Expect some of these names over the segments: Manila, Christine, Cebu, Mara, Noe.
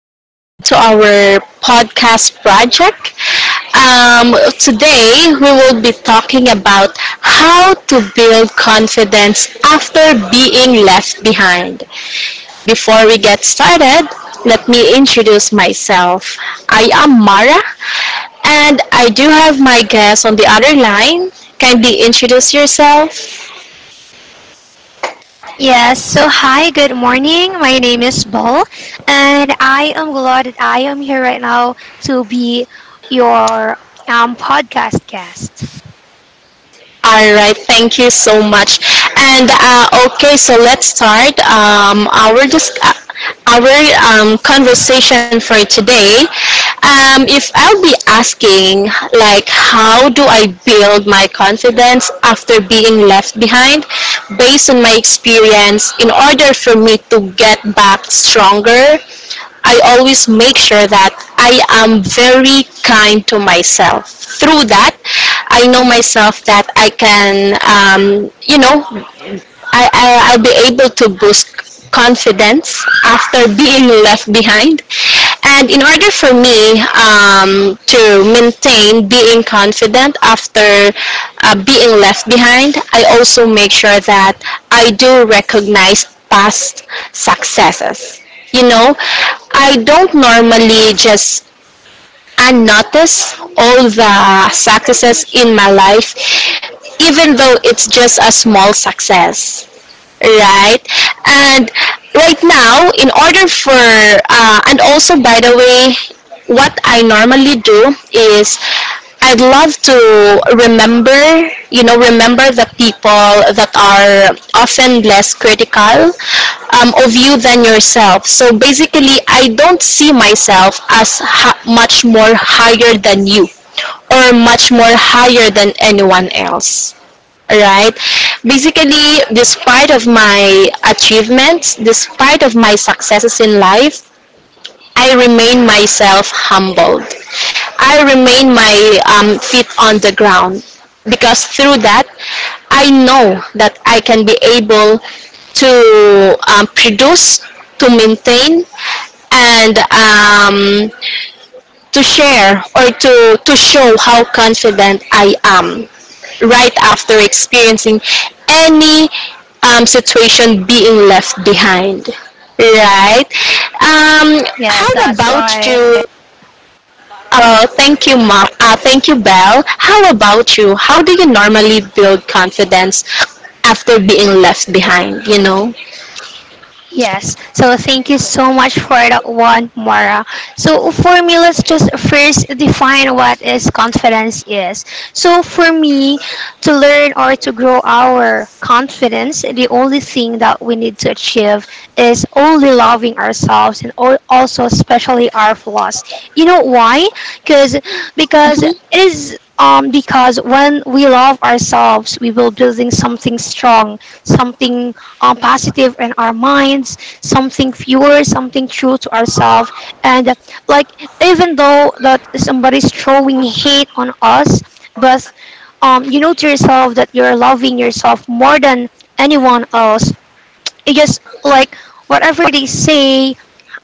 welcome to our podcast project. Today, we will be talking about how to build confidence after being left behind. Before we get started, let me introduce myself. I am Mara, and I do have my guest on the other line. Kindly introduce yourself. Yes, so hi, good morning. My name is Bol, and I am glad that I am here right now to be your podcast guest. All right, thank you so much. So let's start our conversation for today. If I'll be asking, like, how do I build my confidence after being left behind, based on my experience, in order for me to get back stronger? I always make sure that I am very kind to myself. Through that, I know Hmm. myself that I can, I I'll be able to boost confidence after being left behind. And in order for me to maintain being confident after being left behind, I also make sure that I do recognize past successes. You know, I don't normally just unnotice all the successes in my life, even though it's just a small success, right? And right now, in order for, and also by the way, what I normally do is I'd love to remember, you know, remember the people that are often less critical of you than yourself. So basically, I don't see myself as much more higher than you or much more higher than anyone else, right? Basically, despite of my achievements, despite of my successes in life, I remain myself humbled. I remain my feet on the ground, because through that, I know that I can be able to produce, to maintain, and to share or to show how confident I am right after experiencing any situation being left behind. Right? Yes, How that's about right. you? Oh, thank you, Ma. Thank you, Belle. How about you? How do you normally build confidence after being left behind? You know? Yes, so thank you so much for that one, Mara. So for me, let's just first define what is confidence is. So for me, to learn or to grow our confidence, the only thing that we need to achieve is only loving ourselves and also especially our flaws. You know why? Because because Mhm. it is because when we love ourselves, we will building something strong, something positive in our minds, something pure, something true to ourselves. And like even though that somebody's throwing hate on us, but you know to yourself that you're loving yourself more than anyone else. It just like whatever they say,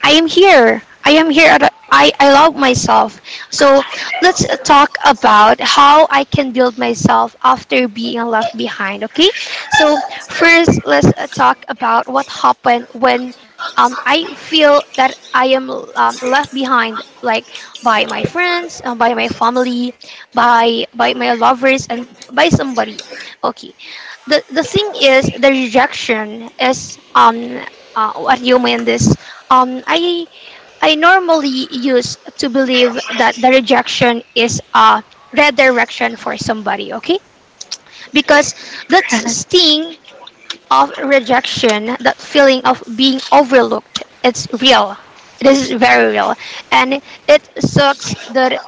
I am here. I am here. I love myself. So let's talk about how I can build myself after being left behind. Okay. So first, let's talk about what happened when I feel that I am left behind, like by my friends, by my family, by my lovers, and by somebody. Okay, the thing is the rejection is what do you mean this um i I normally used to believe that the rejection is a redirection for somebody. Okay, because that Correct. sting of rejection, that feeling of being overlooked, it's real. It is very real. And it sucks that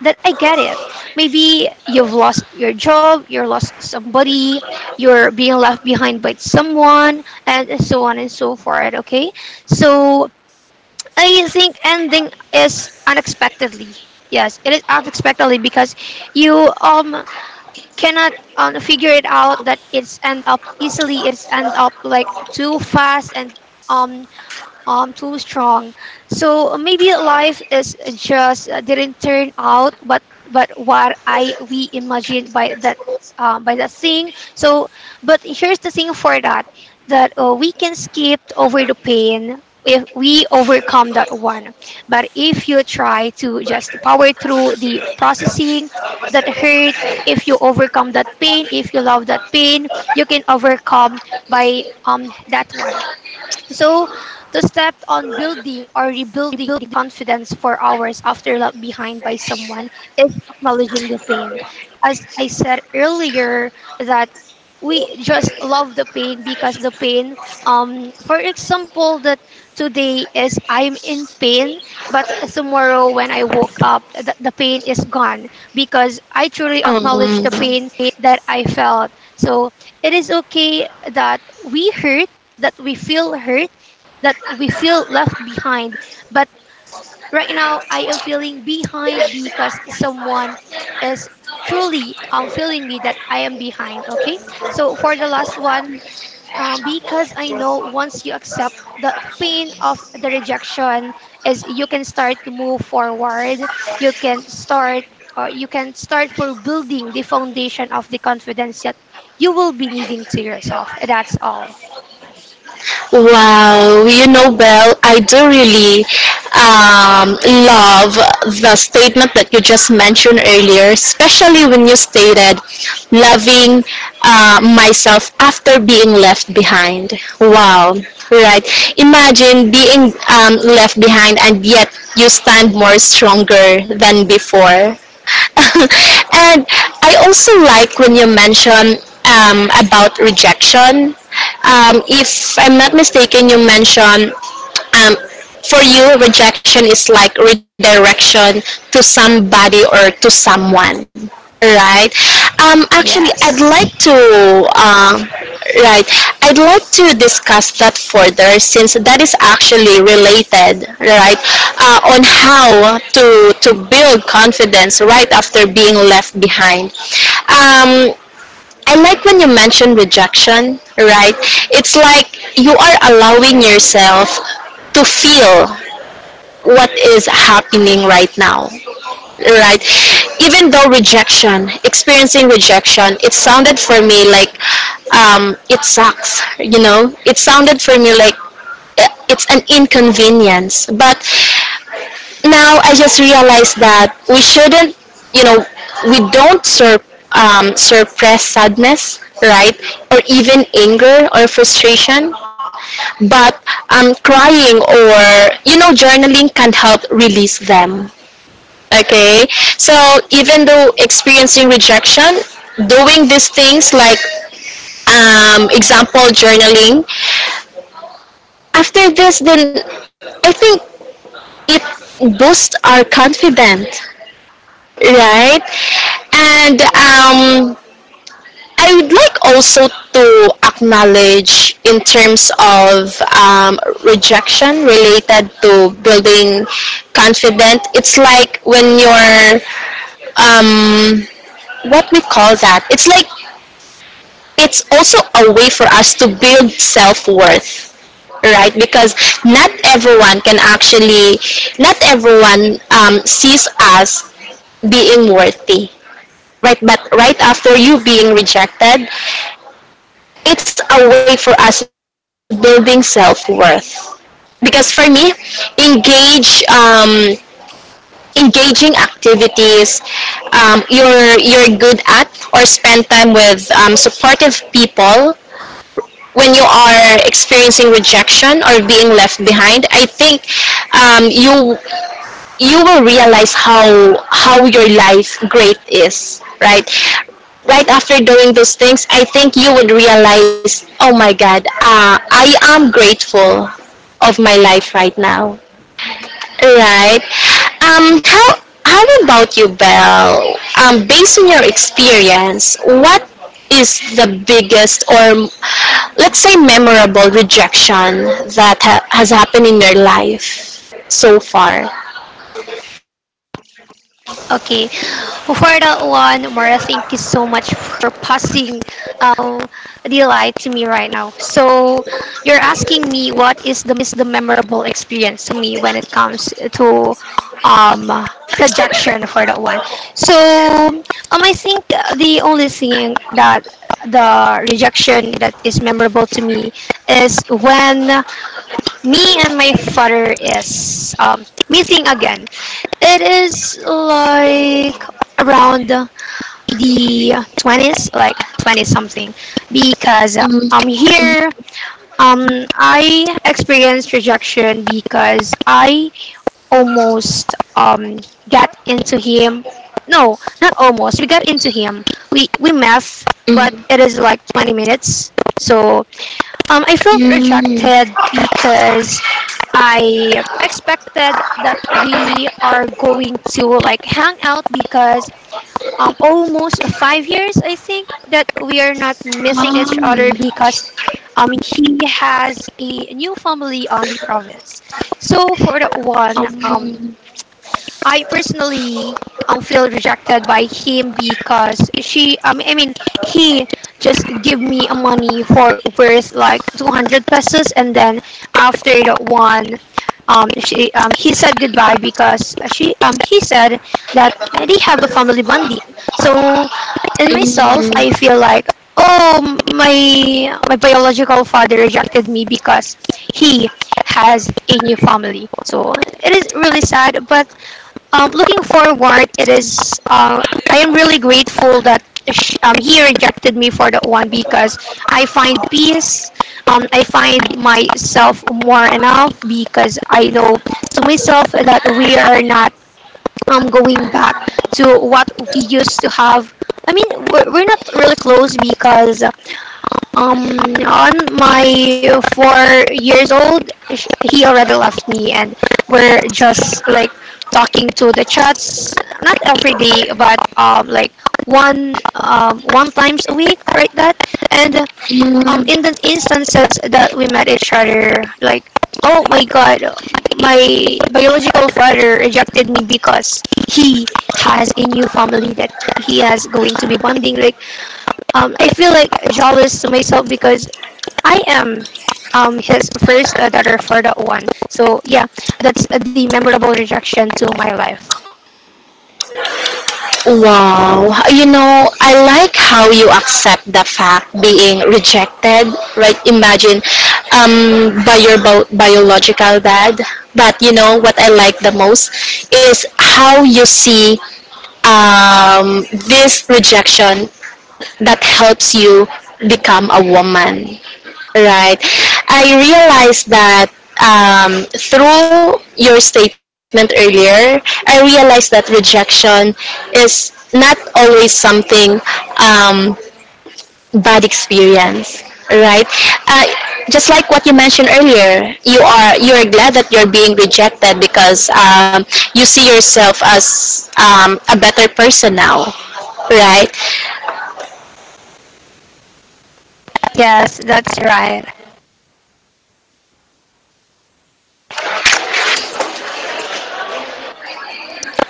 that I get it. Maybe you've lost your job, you're lost somebody, you're being left behind by someone, and so on and so forth. Okay, so I think ending is unexpectedly. Yes, it is unexpectedly because you cannot figure it out that it's end up easily. It's end up like too fast and um too strong. So maybe life is just didn't turn out, but what I we imagined by that, by that thing. So but here's the thing for that, that we can skip over the pain if we overcome that one. But if you try to just power through the processing that hurt, if you overcome that pain, if you love that pain, you can overcome by that one. So, to step on building or rebuilding confidence for hours after left behind by someone is acknowledging the pain. As I said earlier, that we just love the pain because the pain, for example, that today is I'm in pain, but tomorrow when I woke up, the pain is gone because I truly acknowledge the Um, pain that I felt. So, it is okay that we hurt, that we feel hurt, that we feel left behind. But right now, I am feeling behind because someone is surely feeling me that I am behind. Okay. So for the last one, because I know once you accept the pain of the rejection is you can start to move forward. You can start or you can start for building the foundation of the confidence that you will be needing to yourself. That's all. Wow, you know, Belle, I do really um, love the statement that you just mentioned earlier, especially when you stated loving myself after being left behind. Wow, right. Imagine being left behind and yet you stand more stronger than before. And I also like when you mention about rejection. If I'm not mistaken, you mentioned um, for you, rejection is like redirection to somebody or to someone, right? Actually, I'd like Yes. to, right, I'd like to discuss that further since that is actually related, right, on how to build confidence right after being left behind. Um, I like when you mention rejection, right? It's like you are allowing yourself to feel what is happening right now, right? Even though rejection, experiencing rejection, it sounded for me like it sucks, you know? It sounded for me like it's an inconvenience. But now I just realized that we shouldn't, you know, we don't suppress sadness, right? Or even anger or frustration. But crying or, you know, journaling can help release them. Okay? So even though experiencing rejection, doing these things like, example, journaling, after this, then I think it boosts our confidence, right? And I would like also to acknowledge in terms of rejection related to building confidence. It's like when you're um, what we call that. It's like it's also a way for us to build self worth, right? Because not everyone can actually, not everyone sees us being worthy, right? But right after you being rejected, it's a way for us building self-worth, because for me, engage engaging activities you're good at, or spend time with supportive people when you are experiencing rejection or being left behind, I think you, you will realize how your life great is, right? Right after doing those things, I think you would realize, oh my God, I am grateful of my life right now. Right? How how about you, Belle? Based on your experience, what is the biggest or let's say memorable rejection that has happened in your life so far? Okay. For that one, Mara, thank you so much for passing um, the light to me right now. So, you're asking me what is the memorable experience to me when it comes to um, rejection for that one. So, um, I think the only thing that the rejection that is memorable to me is when me and my father is meeting again. It is like around the 20s, like twenty something, because Mm, here um I experienced rejection because I almost got into him. No, not almost. We got into him. We met, but mm, it is like 20 minutes. So I felt rejected because I expected that we are going to like hang out because almost 5 years I think that we are not missing each other mm, because he has a new family on the province. So for that one, I personally feel rejected by him because she I mean he just give me a money for worth like 200 pesos, and then after that one she he said goodbye because she he said that they have a family bonding. So in myself mm, I feel like, oh, my biological father rejected me because he has a new family. So it is really sad, but looking forward, it is. I am really grateful that sh he rejected me for that one because I find peace. I find myself more enough because I know to myself that we are not going back to what we used to have. I mean, we're not really close because um, on my 4 years old, he already left me, and we're just like talking to the chats, not every day, but like one times a week, right? That. And mm. in the instances that we met each other, like, oh my god, my biological father rejected me because he has a new family that he has going to be bonding. Like, I feel like jealous to myself because I am his first daughter for that one. So yeah, that's the memorable rejection to my life. Wow. You know, I like how you accept the fact being rejected, right? Imagine by your biological dad. But you know what I like the most is how you see this rejection that helps you become a woman. Right. I realized that through your statement earlier, I realized that rejection is not always something um, bad experience, right? Uh, just like what you mentioned earlier, you are, you are glad that you're being rejected because you see yourself as a better person now, right? Yes, that's right.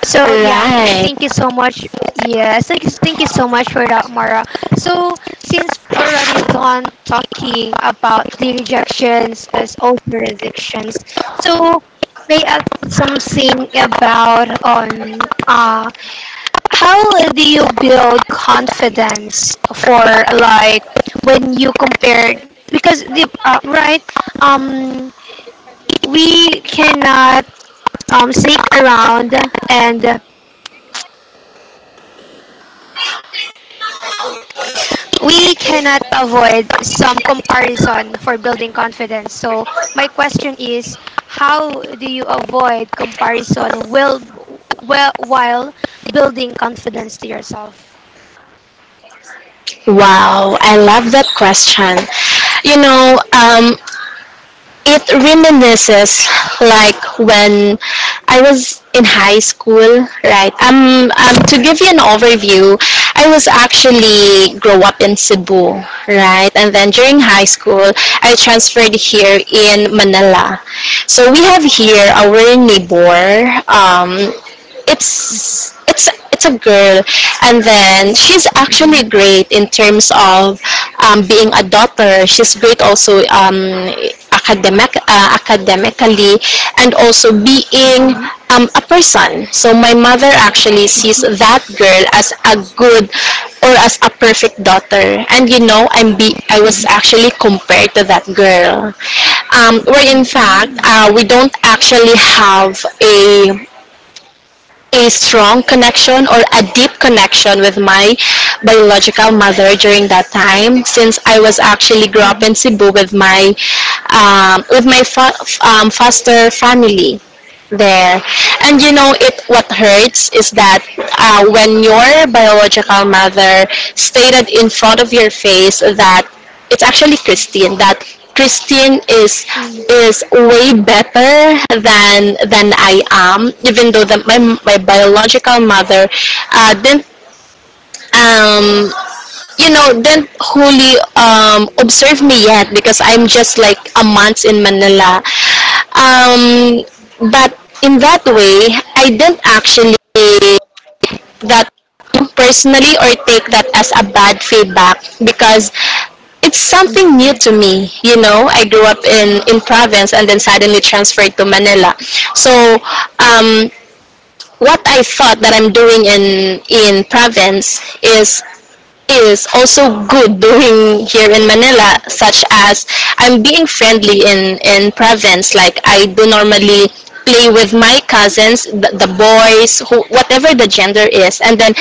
So yeah, Right. thank you so much. Yes, thank you so much for that, Mara. So since we're already done talking about the rejections as all jurisdictions, so may I ask something about on uh, how do you build confidence for like when you compare, because the right um we cannot sneak around, and we cannot avoid some comparison for building confidence. So my question is how do you avoid comparison well while building confidence to yourself? Wow, I love that question. You know, it reminisces like when I was in high school, right? To give you an overview, I was actually grow up in Cebu, right? And then during high school, I transferred here in Manila. So we have here our neighbor. It's a girl, and then she's actually Mhm, great in terms of being a daughter. She's great also academically, and also being mhm, a person. So my mother actually sees that girl as a good or as a perfect daughter, and you know, I was mhm, actually compared to that girl, where in fact mhm, we don't actually have a strong connection or a deep connection with my biological mother during that time, since I was actually grew up in Cebu with my um, with my fa- foster family there. And you know, it what hurts is that when your biological mother stated in front of your face that it's actually Christine, that Christine mhm. is way better than I am, even though that my biological mother didn't um you know, didn't wholly observe me yet because I'm just like a month in Manila. um, that in that way, I didn't actually, that personally or take that as a bad feedback because it's something Mhm, new to me. You know, I grew up in province and then suddenly transferred to Manila. So um, what I thought that I'm doing in province is also good doing here in Manila, such as I'm being friendly in province. Like I do normally play with my cousins, the boys, who, whatever the gender is, and then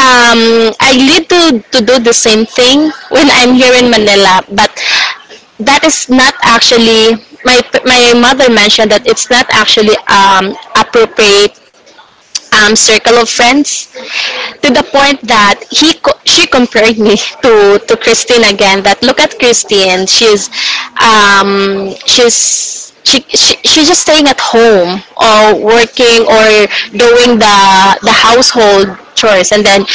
I need to do the same thing when I'm here in Manila. But that is not actually my my mother mentioned that it's not actually appropriate circle of friends, to the point that she compared me to Christine again, that look at Christine, she's she, she's just staying at home or working or doing the household chores, and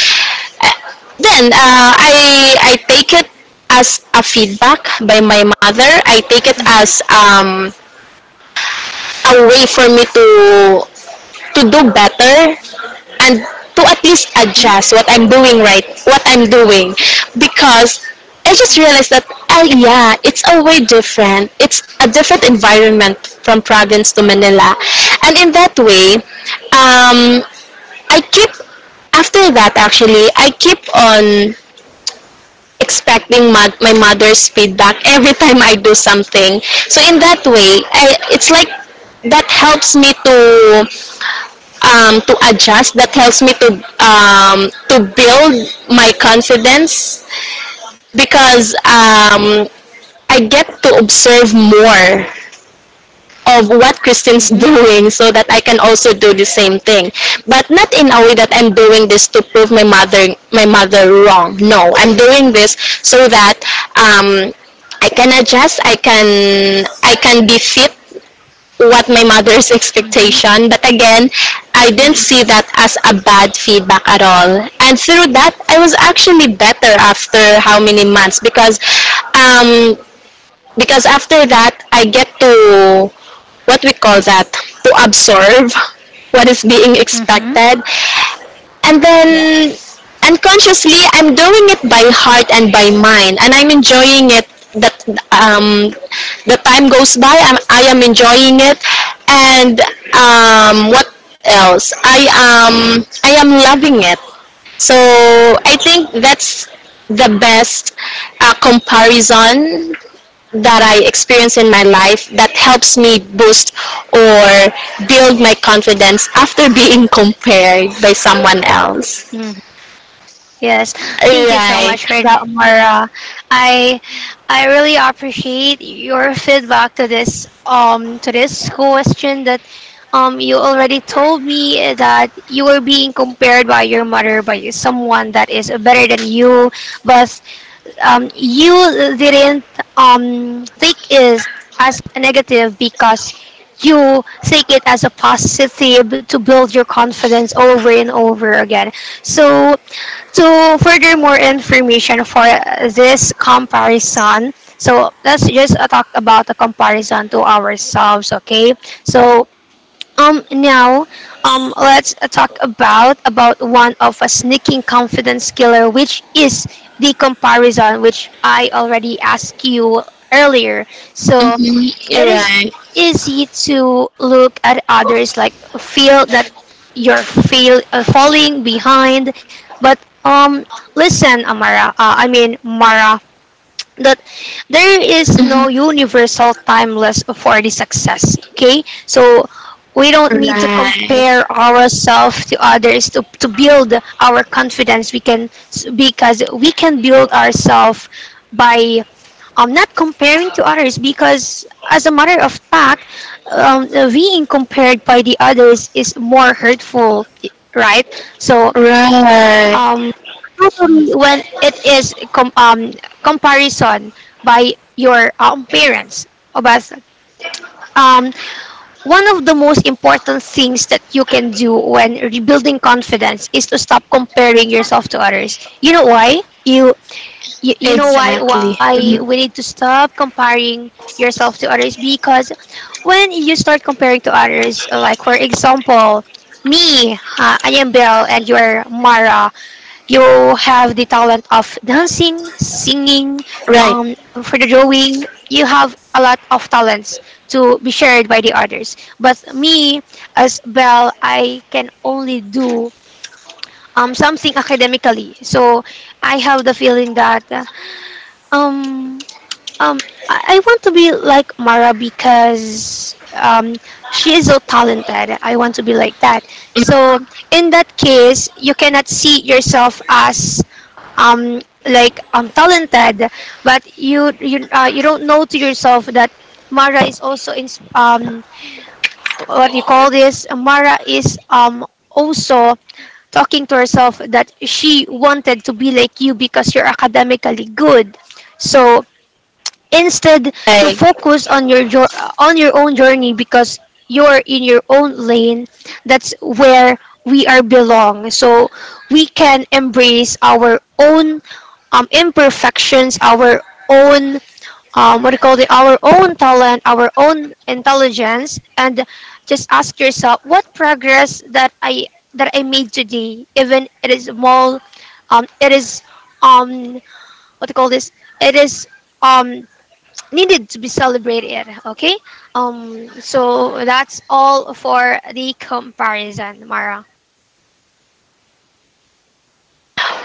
then I take it as a feedback by my mother. I take it mhm, as a way for me to do better and to at least mhm, adjust what I'm doing right, what I'm doing, because I just realized that oh yeah, it's a way different. It's a different environment from province to Manila, and in that way, um, I keep, after that actually I keep on expecting my my mother's feedback every time I do something. So in that way, I, it's like that helps me to adjust, that helps me to build my confidence, because I get to observe more of what Kristen's mhm, doing, so that I can also do the same thing, but not in a way that mhm, I'm doing this to prove my mother, my mother wrong. No, I'm doing this so that um, I can adjust, I can, I can be fit what my mother's mhm, expectation. But again, I didn't mhm, see that as a bad feedback at all. And through that, I was actually better after how many months, um because after that, I get to what we call that, to absorb what is being mhm. expected. And then Yes. unconsciously I'm doing it by heart and by mind, and I'm enjoying it, that um the time goes by, I am enjoying it, and what else, I am, I am loving it. So I think that's the best comparison that I experience in my life that helps me boost or build my confidence after being compared by someone else. Mhm. Yes. Thank you so Right. much for that, Mara. I I really appreciate your feedback to this question, that you already told me that you were being compared by your mother by someone that is better than you, but you didn't take it as a negative because you take it as a positive to build your confidence over and over again. So, to further more information for this comparison, so let's just talk about the comparison to ourselves, okay? So, now, let's talk about one of a sneaking confidence killer, which is the comparison, which I already asked you earlier. So it is Mm-hmm. easy to look at others, like feel that you're falling behind. But listen, Mara, that there is no universal timeless for the success. Okay, so we don't need to Right. compare ourselves to others to build our confidence. We can, because we can build ourselves by not comparing to others, because as a matter of fact, being compared by the others is more hurtful, right? So Right. Right. um totally when it is comparison by your parents obas. Um, one of the most important things that you can do when rebuilding confidence is to stop comparing yourself to others. You know why? You you, you know Exactly. why we Mm-hmm. need to stop comparing yourself to others? Because when you start comparing to others, like for example me, I am Belle and you're Mara. You have the talent of dancing, singing, Right. um, for the drawing. You have a lot of talents to be shared by the others. But me, as Belle, I can only do something academically. So I have the feeling that um, um, I want to be like Mara because she is so talented. I want to be like that. So in that case, you cannot see yourself as talented, but you don't know to yourself that Mara is also in um what do you call this Mara is also talking to herself that she wanted to be like you because you're academically good. So instead to Right. focus on on your own journey, because you're in your own lane, that's where we are belong. So we can embrace our own imperfections, our own what do you call it our own talent, our own intelligence. And just ask yourself what progress that I made today, even it is small. Um, it is um what do you call this it is um needed to be celebrated. Okay, so that's all for the comparison, Mara.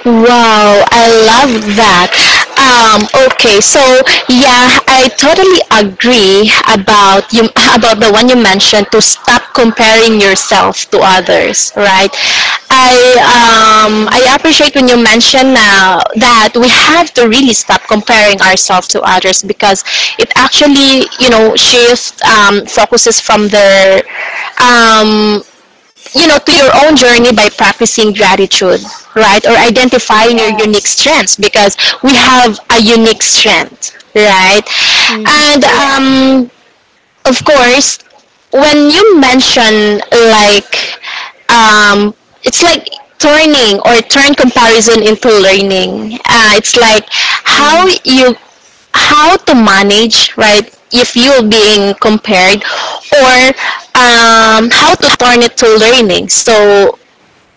Wow, I love that. Okay, so yeah, I totally agree about you about the one you mentioned to stop comparing yourself to others, right? I, Mm-hmm. I appreciate when you mention now that we have to really stop comparing ourselves to others, because it actually, you know, shift focuses from their um, you know, to your own journey by practicing gratitude, right? Or identifying your unique Yes. strengths, because we have a unique strength, right? Hmm. And Yes. Of course, when you mention like um, it's like turning or turn comparison into learning. It's like how Hmm. you, how to manage, right, if you're being compared, or how to turn it to learning. So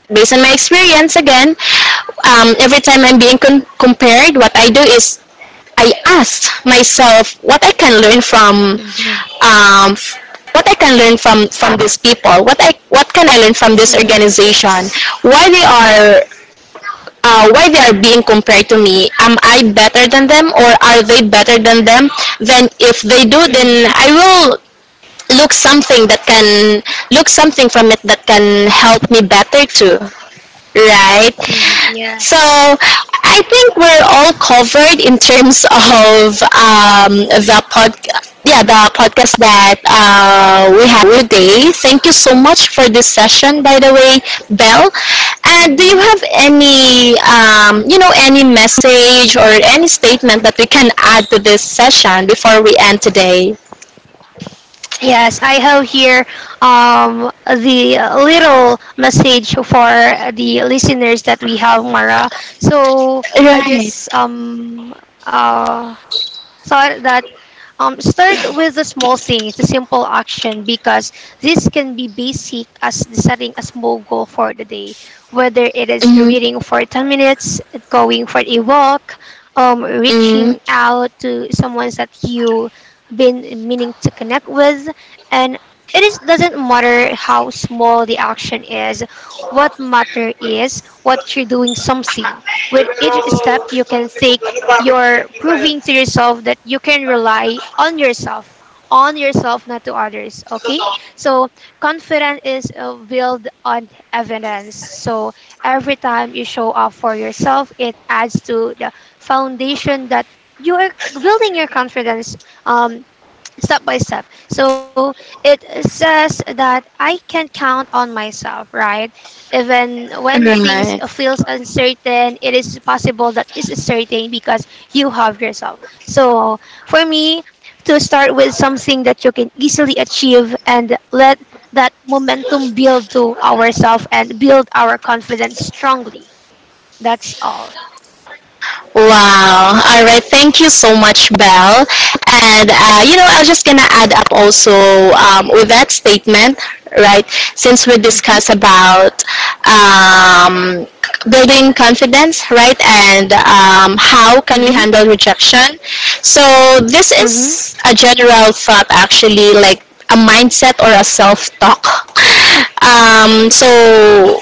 based on my experience again, every time I'm being compared, what I do is I asked myself what I can learn from Hmm. um, what I can learn from these people. What I, what can I learn from this Hmm. organization? Yes. Why they are, why they are being compared to me? Am I better than them or are they better than them? Then if they do, Hmm. then I will look something that can look something from it that can help me better too. Right? Hmm. So Yes. I think we're all covered in terms of yeah, the podcast that we had today. Thank you so much for this session, by the way, Belle. And do you Hmm. have any, you know, any message or any statement that we can add to this session before we end today? Yes, I have here the little message for the listeners that we have, Mara. So I Right. just uh thought that start with the small things, the simple action, because this can be basic as setting a small goal for the day, whether it is Mm-hmm. reading for 10 minutes, going for a walk, Mm-hmm. reaching out to someone that you been meaning to connect with, and it is doesn't matter how small the action is. What matter is what you're doing something. With each step, you can take you're proving to yourself that you can rely on yourself not to others. Okay, so confidence is built on evidence. So every time you show up for yourself it adds to the foundation that you are building your confidence, um, step by step. So it says that I can count on myself, right? Even when things Right. feels uncertain, it is possible that it's certain because you have yourself. So for me, to start with something that you can easily achieve and let that momentum build to ourselves and build our confidence strongly. That's all. Wow. All right. Thank you so much, Belle. And You know, I'm just gonna add up also with that statement, right? Since we Mm-hmm, discuss about um, building confidence, right, and how can we mm-hmm, handle rejection? So this mm-hmm. is a general thought, actually, like a mindset or a self-talk. So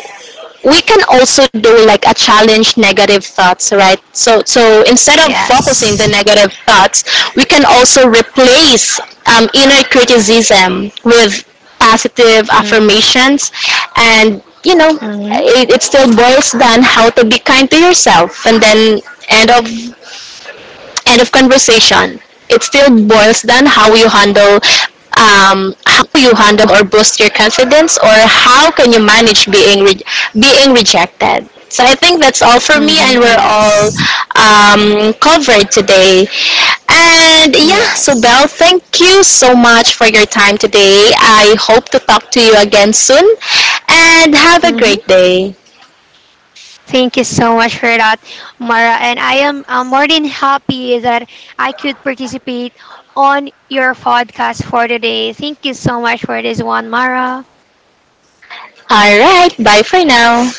we can also do like a challenge negative thoughts, right? So so instead of focusing the Yes. negative thoughts, we can also replace inner criticism with positive Mm-hmm, affirmations. And you know, it still boils down how to be kind to yourself, and then end of end of conversation, it still boils down how you handle or boost your confidence, or how can you manage being being rejected. So I think that's all for me, and mm-hmm, we're all yes. Covered today. And yeah, so Belle, Yes. thank you so much for your time today. I hope to talk to you again soon, and have a great Mm-hmm. day. Thank you so much for that, Mara. And I am more than happy that I could participate on your podcast for today. Thank you so much for this one, Mara. All right, bye for now.